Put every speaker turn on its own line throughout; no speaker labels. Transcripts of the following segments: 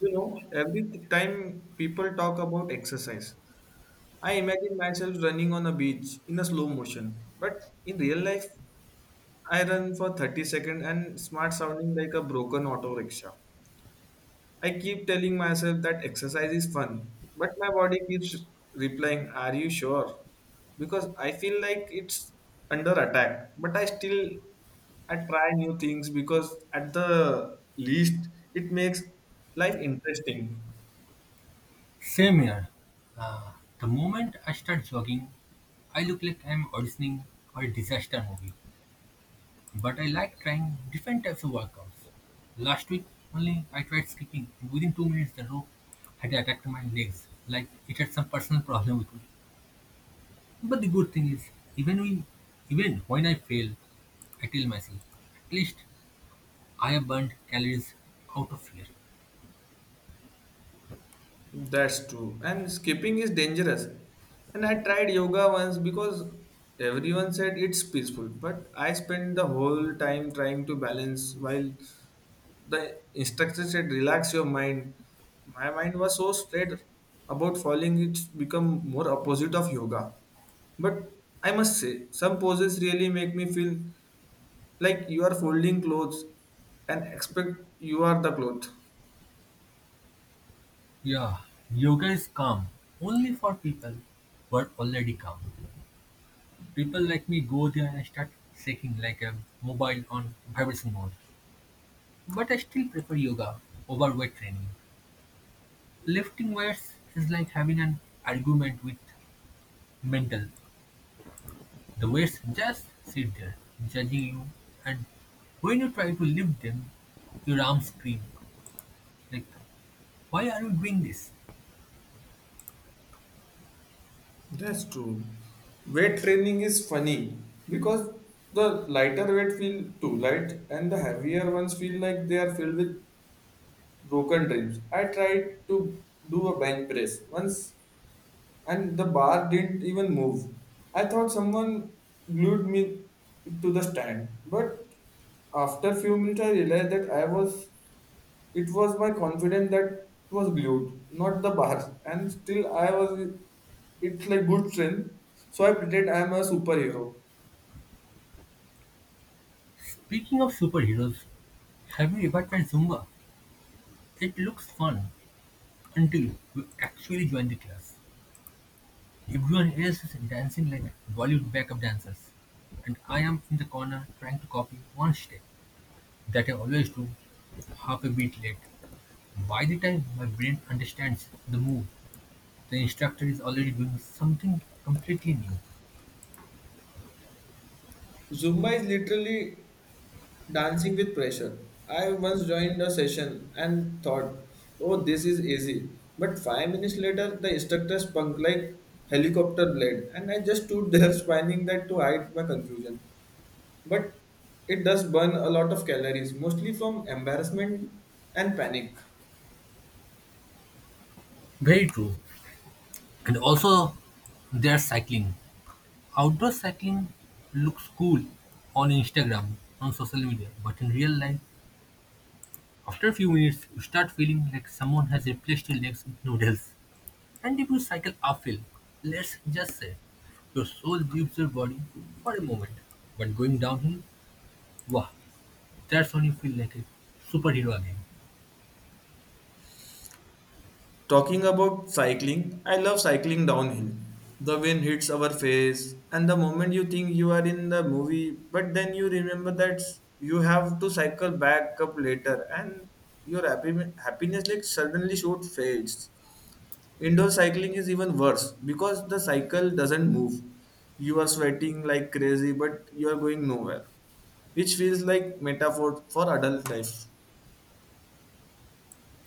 You know, every time people talk about exercise, I imagine myself running on a beach in a slow motion. But in real life, I run for 30 seconds and smart sounding like a broken auto rickshaw. I keep telling myself that exercise is fun, but my body keeps replying, are you sure? Because I feel like it's under attack. But I still I try new things because at the least it makes life interesting.
Same here. Uh, the moment I start jogging, I look like I'm auditioning for a disaster movie. But I like trying different types of workouts. Last week only I tried skipping, and within 2 minutes the rope had attacked my legs, like it had some personal problem with me. But the good thing is, even when, even when I fail, I tell myself, at least I have burned calories out of here.
That's true. And skipping is dangerous. And I tried yoga once because everyone said it's peaceful, but I spent the whole time trying to balance while the instructor said relax your mind. My mind was so straight about falling it's become more opposite of yoga. But I must say, some poses really make me feel like you are folding clothes and expect you are the cloth.
Yeah, yoga is calm only for people who are already calm. People like me go there and I start shaking like a mobile on vibration mode. But I still prefer yoga over weight training. Lifting weights is like having an argument with mental. The weights just sit there, judging you, and when you try to lift them, your arms scream. Like, why are you doing this?
That's true. Weight training is funny because the lighter weight feel too light and the heavier ones feel like they are filled with broken dreams. I tried to do a bench press once and the bar didn't even move. I thought someone glued me to the stand, but after few minutes I realized that I was it was my confidence that was glued, not the bar. And still, I was. It's like good strength. So I pretend I'm a superhero.
Speaking of superheroes, have you ever tried Zumba? It looks fun until you actually join the class. Everyone else is dancing like Bollywood backup dancers, and I am in the corner trying to copy one step that I always do half a beat late. By the time my brain understands the move, the instructor is already doing something completely new.
Zumba is literally dancing with pressure. I once joined a session and thought, oh, this is easy. But 5 minutes later, the instructor spun like helicopter blade, and I just stood there spinning that to hide my confusion. But it does burn a lot of calories, mostly from embarrassment and panic.
Very true. And also, there's cycling. Outdoor cycling looks cool on Instagram, on social media, but in real life, after a few minutes, you start feeling like someone has replaced your legs with noodles. And if you cycle uphill, let's just say, your soul leaves your body for a moment. But going downhill, wow, that's when you feel like a superhero again.
Talking about cycling, I love cycling downhill. The wind hits our face, and the moment you think you are in the movie, but then you remember that you have to cycle back up later, and your happiness like suddenly shoot fades. Indoor cycling is even worse because the cycle doesn't move. You are sweating like crazy, but you are going nowhere, which feels like metaphor for adult life.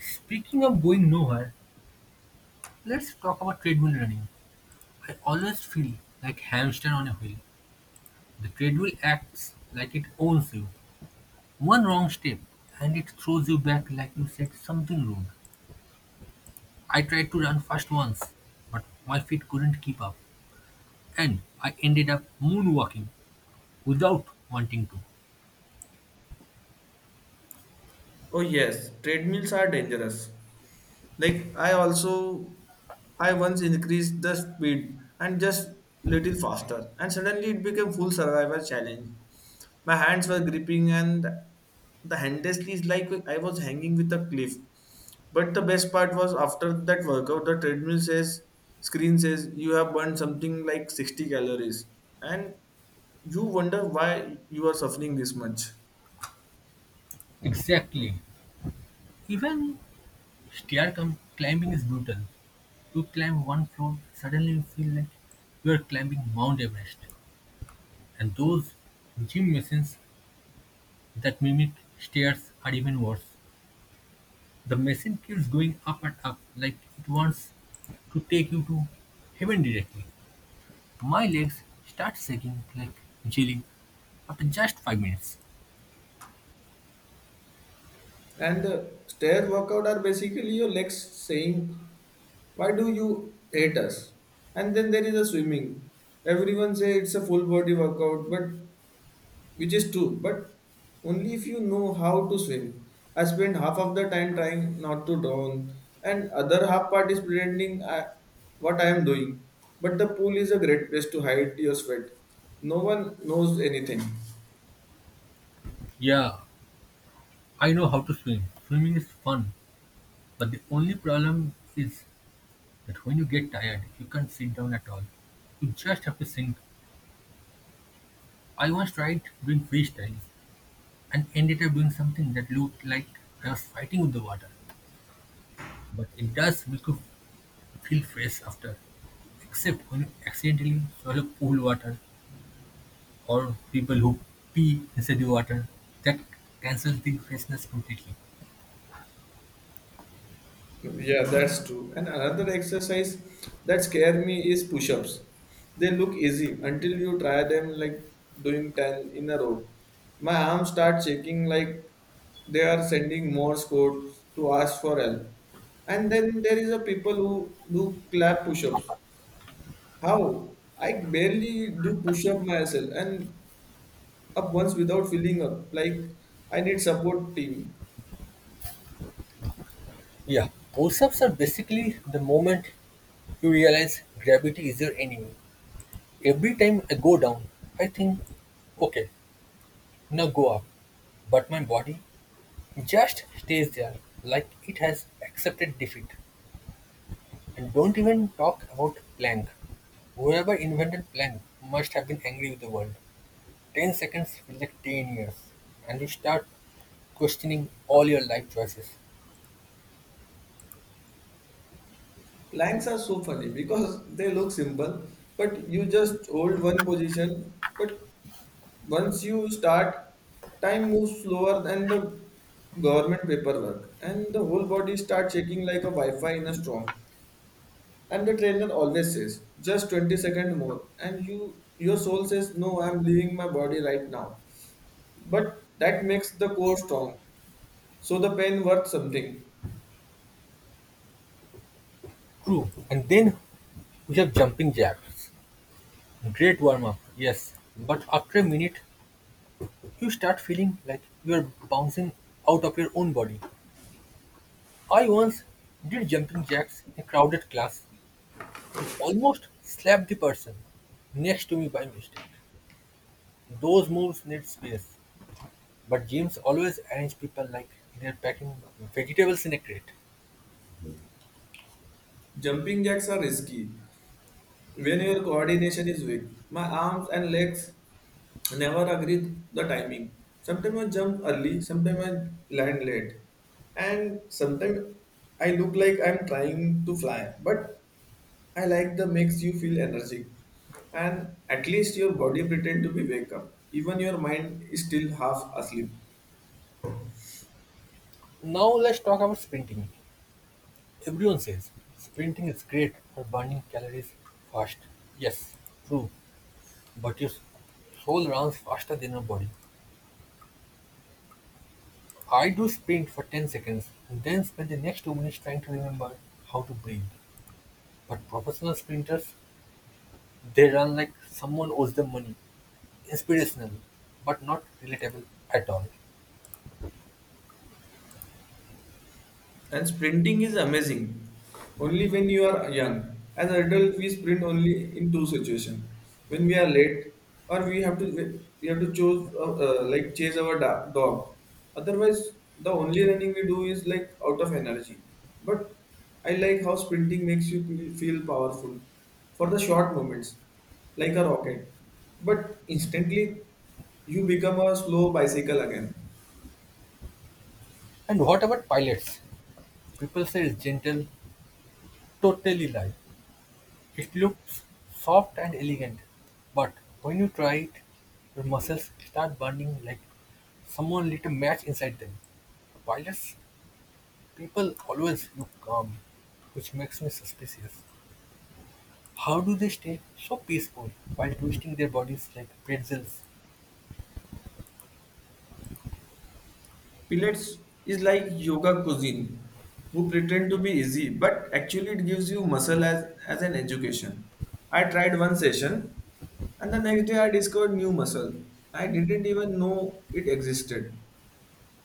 Speaking of going nowhere, let's talk about treadmill running. I always feel like hamster on a wheel. The treadmill acts like it owns you. One wrong step and it throws you back like you said something rude. I tried to run fast once, but my feet couldn't keep up, and I ended up moonwalking without wanting to.
Oh yes, treadmills are dangerous. Like I once increased the speed and just little faster and suddenly it became full survival challenge. My hands were gripping and the handlessly is like I was hanging with a cliff. But the best part was after that workout the treadmill says screen says you have burned something like 60 calories and you wonder why you are suffering this much.
Exactly. Even stair climbing is brutal. You climb one floor, suddenly you feel like you are climbing Mount Everest. And those gym machines that mimic stairs are even worse. The machine keeps going up and up like it wants to take you to heaven directly. My legs start shaking like jelly after just 5 minutes.
And the stair workout are basically your legs saying why do you hate us, and then there is a swimming. Everyone say it's a full body workout, but which is true, but only if you know how to swim. I spend half of the time trying not to drown and other half part is pretending I, what I am doing. But the pool is a great place to hide your sweat. No one knows anything.
Yeah, I know how to swim. Swimming is fun, but the only problem is that when you get tired, you can't sit down at all. You just have to think. I once tried doing freestyle and ended up doing something that looked like I was fighting with the water. But it does make you feel fresh after. Except when you accidentally swallow pool water or people who pee inside the water. That cancels the freshness completely.
Yeah, that's true. And another exercise that scare me is push-ups. They look easy until you try them like doing 10 in a row. My arms start shaking like they are sending Morse code to ask for help. And then there is a people who do clap push-ups. How? I barely do push-up myself and up once without feeling up. Like I need support team.
Yeah, push ups are basically the moment you realize gravity is your enemy. Every time I go down, I think, okay, now go up. But my body just stays there like it has accepted defeat. And don't even talk about plank. Whoever invented plank must have been angry with the world. 10 seconds feel like 10 years. And you start questioning all your life choices.
Planks are so funny because they look simple, but you just hold one position. But once you start, time moves slower than the government paperwork, and the whole body starts shaking like a Wi-Fi in a storm. And the trainer always says, "Just 20 seconds more," and you, your soul says, "No, I'm leaving my body right now." But that makes the core strong, so the pain worth something.
True. And then we have jumping jacks. Great warm up, yes. But after a minute, you start feeling like you're bouncing out of your own body. I once did jumping jacks in a crowded class and almost slapped the person next to me by mistake. Those moves need space, but gyms always arrange people like they're packing vegetables in a crate.
Jumping jacks are risky when your coordination is weak, my arms and legs never agree the timing. Sometimes I jump early, sometimes I land late, and sometimes I look like I'm trying to fly. But I like the makes you feel energetic, and at least your body pretend to be wake up. Even your mind is still half asleep.
Now let's talk about sprinting. Everyone says sprinting is great for burning calories fast. Yes, true, but your soul runs faster than your body. I do sprint for 10 seconds, and then spend the next 2 minutes trying to remember how to breathe. But professional sprinters, they run like someone owes them money. Inspirational, but not relatable at all.
And sprinting is amazing. Only when you are young. As adult, we sprint only in two situations: when we are late, or we have to choose like chase our dog. Otherwise, the only running we do is like out of energy. But I like how sprinting makes you feel powerful for the short moments, like a rocket. But instantly, you become a slow bicycle again.
And what about pilots? People say it's gentle, totally lie. It looks soft and elegant, but when you try it, your muscles start burning like someone lit a match inside them. Pilots people always look calm, which makes me suspicious. How do they stay so peaceful while twisting their bodies like pretzels?
Pilates is like yoga cuisine, who pretend to be easy, but actually it gives you muscle as an education. I tried one session and the next day I discovered new muscle. I didn't even know it existed.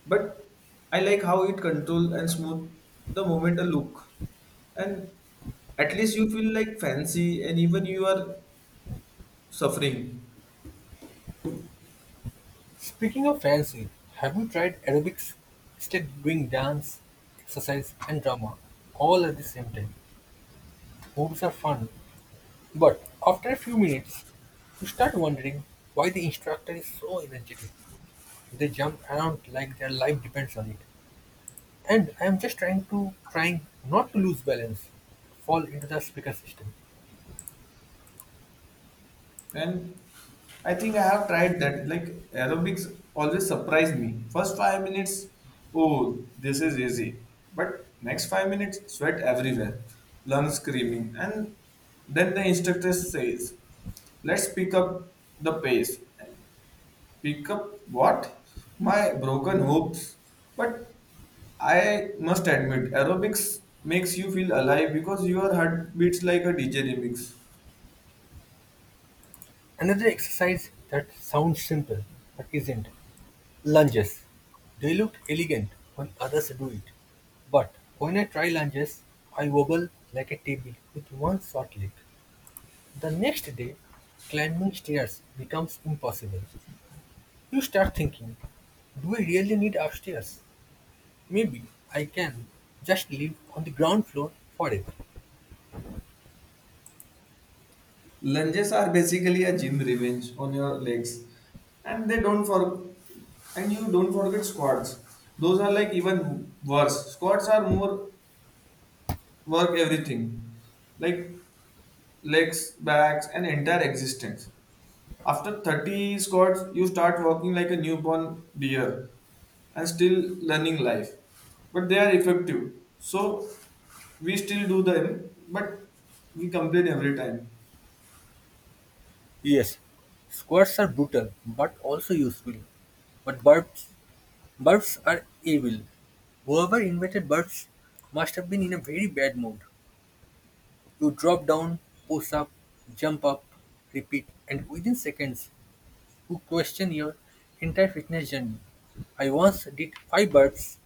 But I like how it control and smooth the moment a look. And at least you feel like fancy and even you are suffering.
Speaking of fancy, have you tried aerobics? Instead of doing dance, exercise and drama all at the same time. Moves are fun, but after a few minutes, you start wondering why the instructor is so energetic. They jump around like their life depends on it. And I am just trying not to lose balance, fall into the speaker system.
And I think I have tried that. Like aerobics always surprised me. First 5 minutes, oh, this is easy. But next 5 minutes, sweat everywhere, lungs screaming. And then the instructor says, let's pick up the pace. And pick up what? My broken hopes. But I must admit, aerobics makes you feel alive because your heart beats like a DJ remix.
Another exercise that sounds simple but isn't. Lunges. They look elegant when others do it, but when I try lunges, I wobble like a table with one short leg. The next day, climbing stairs becomes impossible. You start thinking, do we really need upstairs? Maybe I can just live on the ground floor forever.
Lunges are basically a gym revenge on your legs, and they don't for and you don't forget squats. Those are like even worse. Squats are more work everything, like legs, backs, and entire existence. After 30 squats, you start walking like a newborn deer and still learning life. But they are effective. So we still do them, but we complain every time.
Yes, squirts are brutal but also useful. But birds are evil. Whoever invented birds must have been in a very bad mood. You drop down, push up, jump up, repeat, and within seconds, you question your entire fitness journey. I once did five birds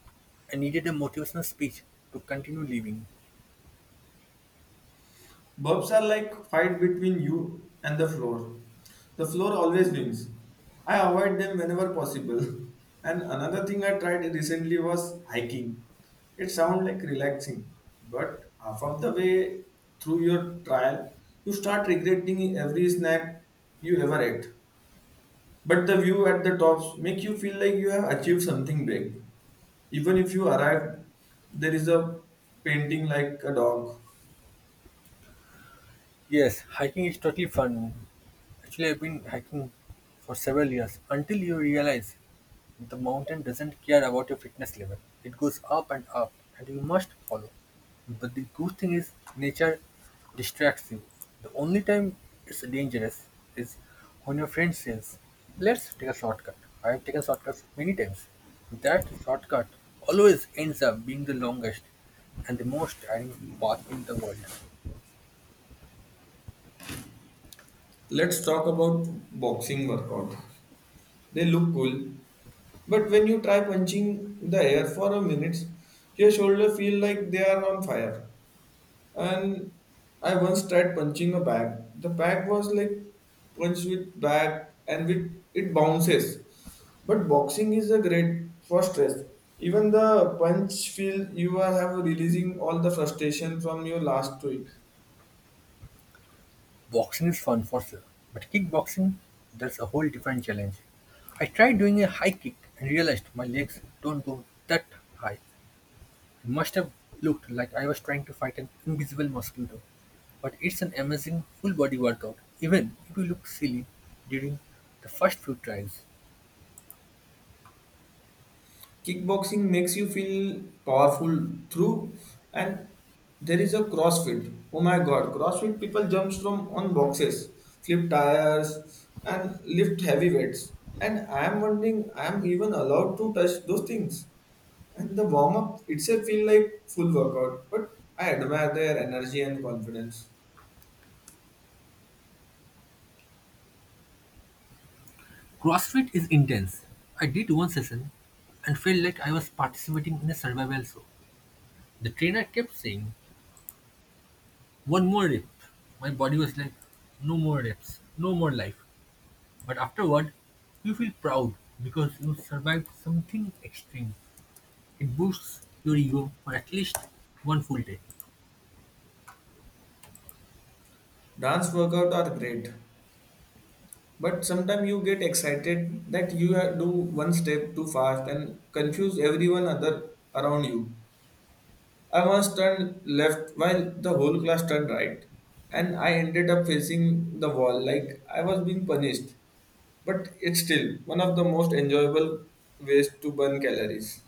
and needed a motivational speech to continue living.
Burps are like fight between you and the floor. The floor always wins. I avoid them whenever possible. And another thing I tried recently was hiking. It sounds like relaxing, but half of the way through your trial, you start regretting every snack you ever ate. But the view at the tops make you feel like you have achieved something big. Even if you arrive, there is a painting like a dog.
Yes, hiking is totally fun. Actually, I've been hiking for several years until you realize the mountain doesn't care about your fitness level. It goes up and up, and you must follow. But the good thing is, nature distracts you. The only time it's dangerous is when your friend says, let's take a shortcut. I have taken shortcuts many times. That shortcut always ends up being the longest and the most tiring path in the world.
Let's talk about boxing workout. They look cool, but when you try punching the air for a minute, your shoulder feel like they are on fire. And I once tried punching a bag. The bag was like punched with bag, and with it bounces. But boxing is a great for stress. Even the punch feel you are have releasing all the frustration from your last week.
Boxing is fun for sure, but kickboxing, that's a whole different challenge. I tried doing a high kick and realized my legs don't go that high. It must have looked like I was trying to fight an invisible mosquito. But it's an amazing full body workout, even if you look silly during the first few tries.
Kickboxing makes you feel powerful through, and there is a CrossFit. Oh my God, CrossFit people jumps from on boxes, flip tires, and lift heavy weights. And I am wondering, I am even allowed to touch those things. And the warm up itself feel like full workout, but I admire their energy and confidence.
CrossFit is intense. I did one session and felt like I was participating in a survival show. The trainer kept saying, one more rep. My body was like, no more reps, no more life. But afterward, you feel proud because you survived something extreme. It boosts your ego for at least one full day.
Dance workout are great, but sometimes you get excited that do one step too fast and confuse everyone other around you. I once turned left while the whole class turned right, and I ended up facing the wall like I was being punished. But it's still one of the most enjoyable ways to burn calories.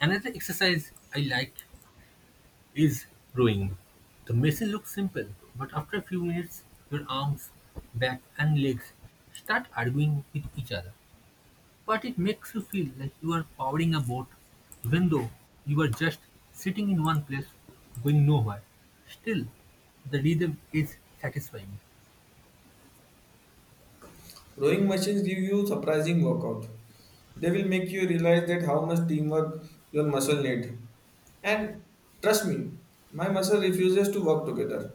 Another exercise I like is rowing. The machine looks simple, but after a few minutes, your arms, back, and legs start arguing with each other. But it makes you feel like you are powering a boat, even though you are just sitting in one place going nowhere. Still, the rhythm is satisfying.
Rowing machines give you surprising workout. They will make you realize that how much teamwork your muscle need. And trust me, my muscle refuses to work together.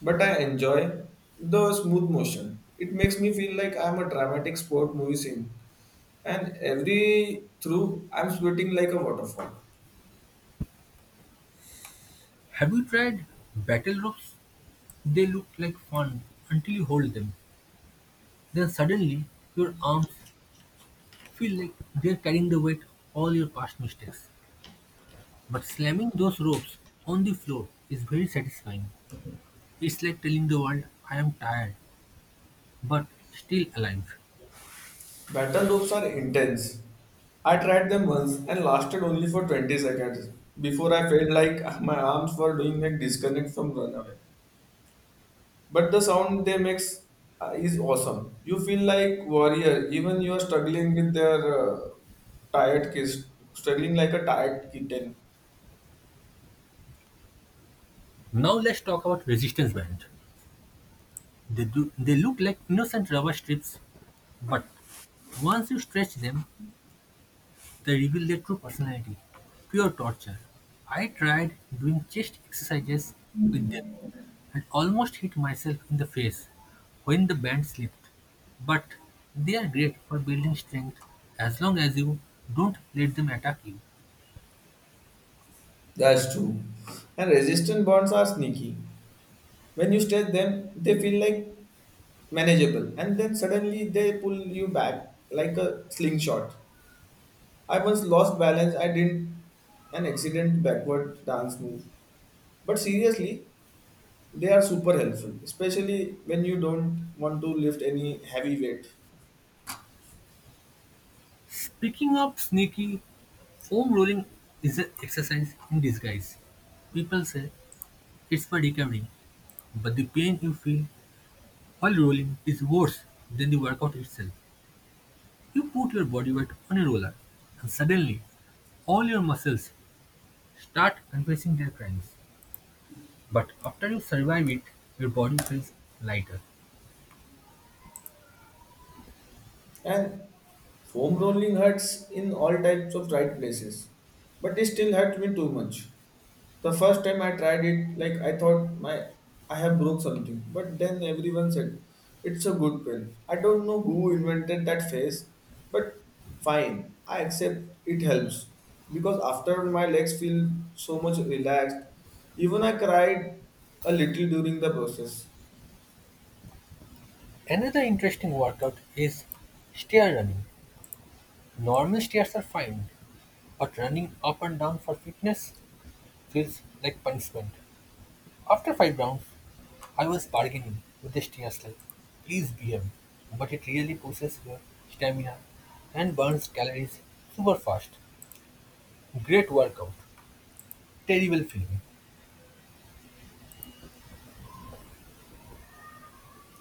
But I enjoy the smooth motion. It makes me feel like I'm a dramatic sport movie scene. And every through, I'm sweating like a waterfall.
Have you tried battle ropes? They look like fun until you hold them. Then suddenly, your arms feel like they're carrying the weight of all your past mistakes. But slamming those ropes on the floor is very satisfying. It's like telling the world, I am tired, but still alive.
Battle ropes are intense. I tried them once and lasted only for 20 seconds before I felt like my arms were doing a disconnect from runaway. But the sound they makes is awesome. You feel like warrior, even you are struggling with their tired kids, struggling like a tired kitten.
Now let's talk about resistance band. They do. They look like innocent rubber strips, but once you stretch them, they reveal their true personality. Pure torture. I tried doing chest exercises with them and almost hit myself in the face when the band slipped. But they are great for building strength as long as you don't let them attack you.
That's true. And resistant bonds are sneaky. When you stretch them, they feel like manageable, and then suddenly they pull you back like a slingshot. I once lost balance. I did an accident backward dance move. But seriously, they are super helpful, especially when you don't want to lift any heavy weight.
Speaking of sneaky, foam rolling is an exercise in disguise. People say it's for recovery, but the pain you feel while rolling is worse than the workout itself, you put your body weight on a roller and suddenly all your muscles start confessing their crimes. But after you survive it, your body feels lighter.
And foam rolling hurts in all types of right places, but it still hurt me too much. The first time I tried it, like I thought my I have broke something, but then everyone said it's a good pain. I don't know who invented that phrase, but fine, I accept it helps because after my legs feel so much relaxed. Even I cried a little during the process.
Another interesting workout is stair running. Normal stairs are fine, but running up and down for fitness feels like punishment. After five rounds, I was bargaining with the steer like, please BM, but it really pushes your stamina and burns calories super fast. Great workout, terrible feeling.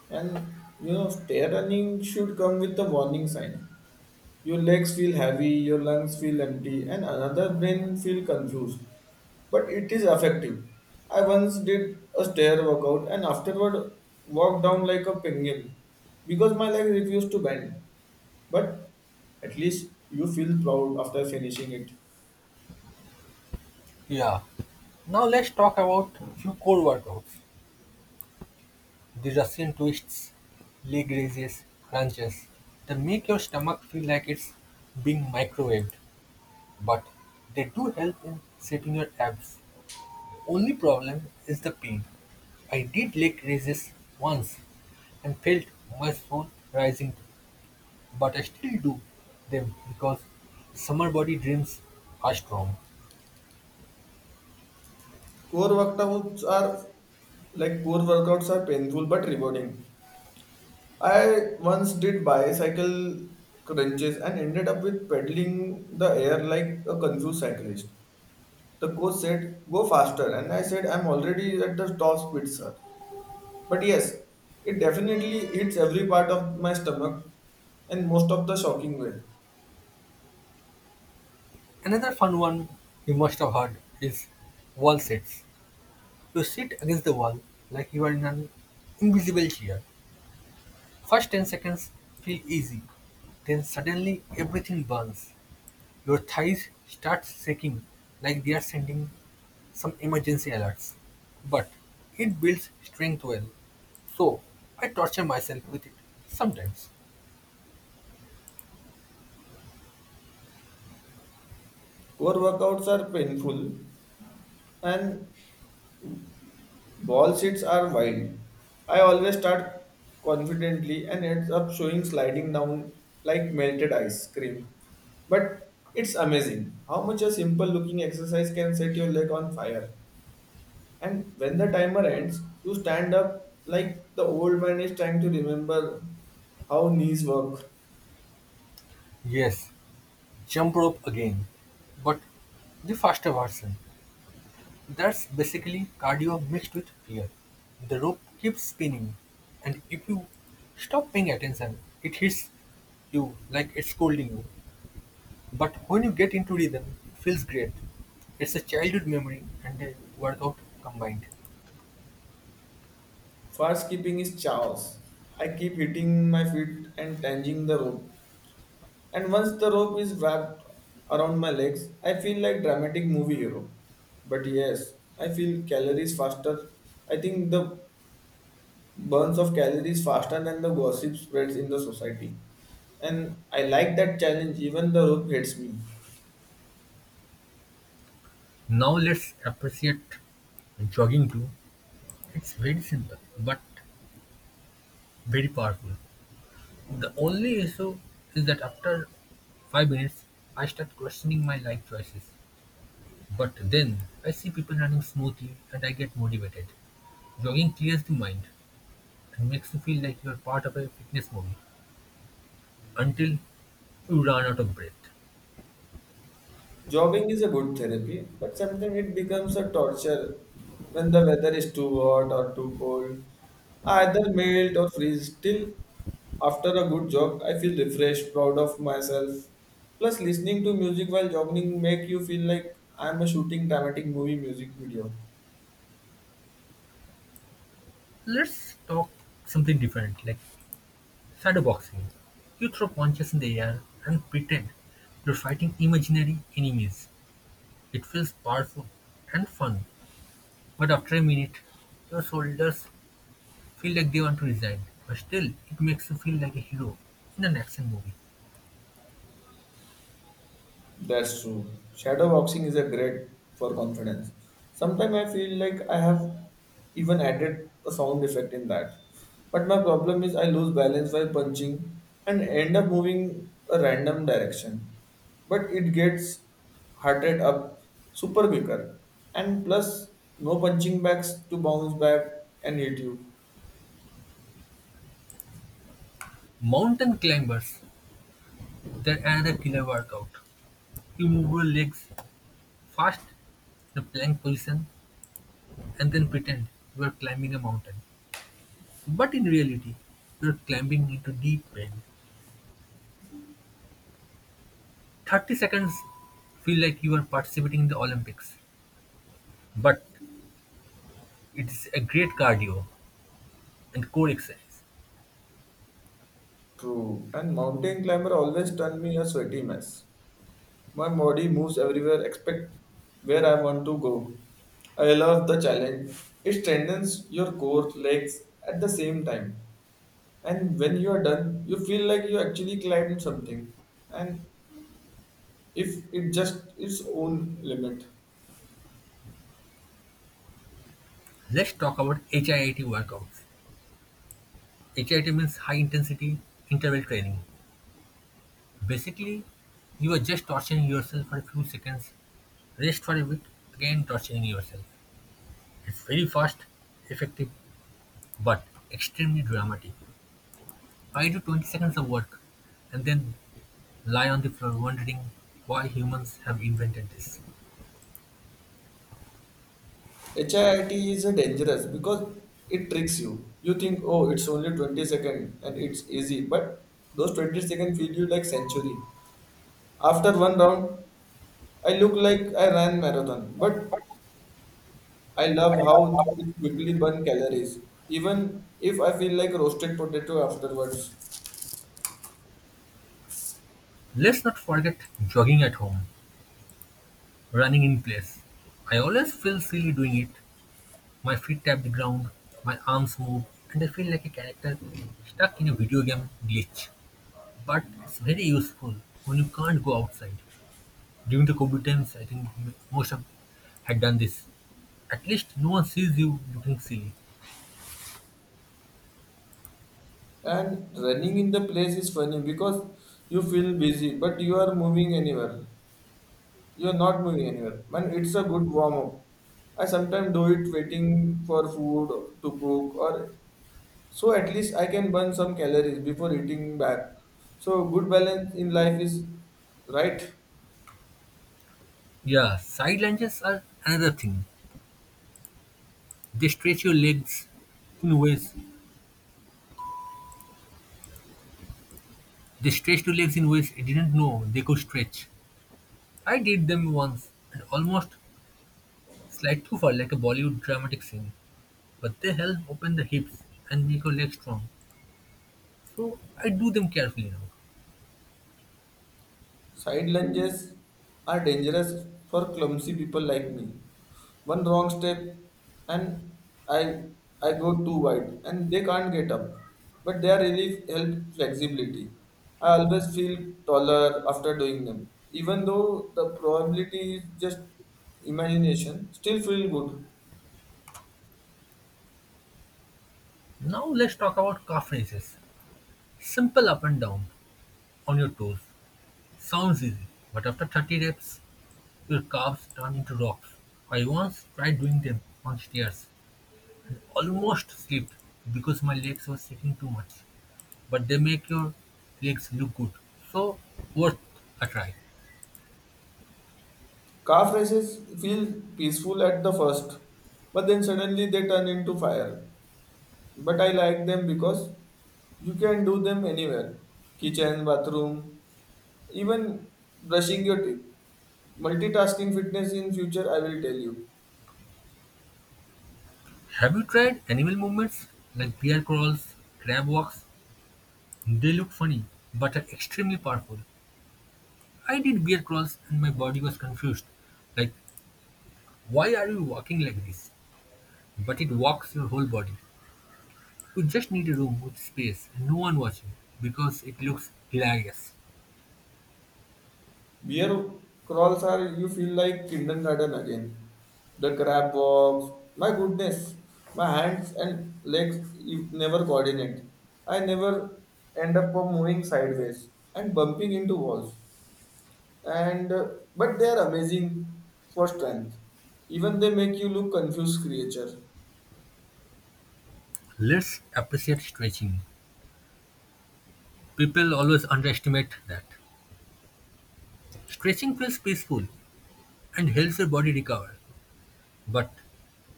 And you know, stair running should come with a warning sign. Your legs feel heavy, your lungs feel empty, and another brain feel confused. But it is effective. I once did a stair workout and afterward walked down like a penguin because my legs refused to bend. But at least you feel proud after finishing it.
Yeah. Now let's talk about few core workouts. The Russian twists, leg raises, crunches. They make your stomach feel like it's being microwaved, but they do help in shaping your abs. Only problem is the pain. I did leg raises once and felt my soul rising, but I still do them because summer body dreams are strong.
Core workouts are Core workouts are painful but rewarding. I once did bicycle crunches and ended up with pedaling the air like a confused cyclist. The coach said, "Go faster," and I said, "I'm already at the top speed, sir." But yes, it definitely hits every part of my stomach in most of the shocking way.
Another fun one you must have heard is wall sits. You sit against the wall like you are in an invisible chair. First 10 seconds feel easy, then suddenly everything burns. Your thighs start shaking like they're sending some emergency alerts. But it builds strength well. So I torture myself with it sometimes.
Core workouts are painful and ball seats are wild. I always start confidently and ends up showing sliding down like melted ice cream. But it's amazing how much a simple looking exercise can set your leg on fire. And when the timer ends, you stand up like the old man is trying to remember how knees work.
Yes, jump rope again. But the faster version. That's basically cardio mixed with fear. The rope keeps spinning, and if you stop paying attention, it hits you like it's scolding you. But when you get into rhythm, it feels great. It's a childhood memory and a workout combined.
Fast skipping is chaos. I keep hitting my feet and tangling the rope. And once the rope is wrapped around my legs, I feel like dramatic movie hero. But yes, I feel calories faster. I think the burns of calories faster than the gossip spreads in the society. And I like that challenge, even the rope hits me.
Now let's appreciate jogging too. It's very simple but very powerful. The only issue is that after 5 minutes I start questioning my life choices. But then I see people running smoothly and I get motivated. Jogging clears the mind and makes you feel like you are part of a fitness movie until you run out of breath.
Jogging is a good therapy, but sometimes it becomes a torture when the weather is too hot or too cold. I either melt or freeze. Still, after a good jog, I feel refreshed, proud of myself. Plus, listening to music while jogging make you feel like I'm a shooting dramatic movie music video.
Let's talk something different, like shadowboxing. You throw punches in the air and pretend you're fighting imaginary enemies. It feels powerful and fun, but after a minute, your shoulders feel like they want to resign. But still, it makes you feel like a hero in an action movie.
That's true. Shadow boxing is a great for confidence. Sometimes I feel like I have even added a sound effect in that. But my problem is I lose balance while punching and end up moving a random direction. But it gets heart rate up super quicker. And plus no punching backs to bounce back and hit you.
Mountain climbers, they're another killer workout. You move your legs fast in a plank position and then pretend you are climbing a mountain. But in reality, you're climbing into deep pain. 30 seconds feel like you are participating in the Olympics. But it is a great cardio and core exercise.
True. And mountain climber always turn me a sweaty mess. My body moves everywhere except where I want to go. I love the challenge. It strengthens your core legs at the same time. And when you are done, you feel like you actually climbed something. And if it just its own limit.
Let's talk about HIIT workouts. HIIT means high intensity interval training. Basically, you are just torturing yourself for a few seconds, rest for a bit, again torturing yourself. It's very fast, effective, but extremely dramatic. I do 20 seconds of work and then lie on the floor wondering why humans have invented this.
HIIT is a dangerous because it tricks you. You think, oh, it's only 20 seconds and it's easy, but those 20 seconds feel you like century. After one round, I look like I ran marathon, but I love how it quickly burns calories, even if I feel like roasted potato afterwards.
Let's not forget jogging at home, running in place. I always feel silly doing it. My feet tap the ground, my arms move, and I feel like a character stuck in a video game glitch. But it's very useful when you can't go outside. During the COVID times, I think most of had done this. At least no one sees you looking silly.
And running in the place is funny because you feel busy, but you are moving anywhere. You are not moving anywhere, and it's a good warm up. I sometimes do it waiting for food to cook, or so at least I can burn some calories before eating back. So good balance in life is right.
Yeah, side lunges are another thing. They stretch your legs in ways they stretched your legs in ways I didn't know they could stretch. I did them once and almost slide too far like a Bollywood dramatic scene. But they help open the hips and make your legs strong. So I do them carefully now.
Side lunges are dangerous for clumsy people like me. One wrong step and I I go too wide and they can't get up. But they are really help flexibility. I always feel taller after doing them. Even though the probability is just imagination, still feel good.
Now let's talk about calf raises. Simple up and down on your toes. Sounds easy, but after 30 reps, your calves turn into rocks. I once tried doing them on stairs and almost slipped because my legs were shaking too much. But they make your legs look good, so worth a try.
Calf races feel peaceful at the first, but then suddenly they turn into fire. But I like them because you can do them anywhere kitchen, bathroom, even brushing your teeth. Multitasking fitness in future, I will tell you.
Have you tried animal movements like bear crawls, crab walks? They look funny, but are extremely powerful. I did bear crawls and my body was confused. Like, why are you walking like this? But it walks your whole body. You just need a room with space and no one watching because it looks hilarious.
Beer crawls are you feel like kindergarten again. The crab walks. My goodness, my hands and legs you never coordinate. I never end up of moving sideways and bumping into walls. And But they are amazing for strength. Even they make you look confused creature.
Let's appreciate stretching. People always underestimate that. Stretching feels peaceful and helps your body recover. But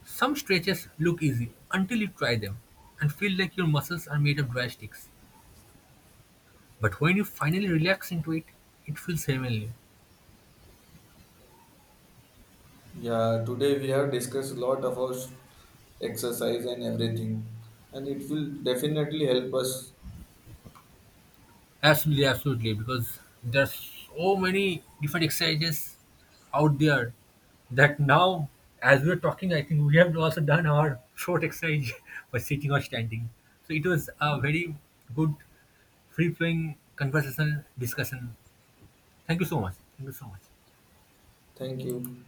some stretches look easy until you try them and feel like your muscles are made of dry sticks. But when you finally relax into it, it feels heavenly.
Yeah, today we have discussed a lot about exercise and everything, and it will definitely help us.
Absolutely, absolutely, because there's so many different exercises out there that now, as we're talking, I think we have also done our short exercise by sitting or standing. So it was a very good, free flowing conversation discussion. Thank you so much. Thank you so much.
Thank you.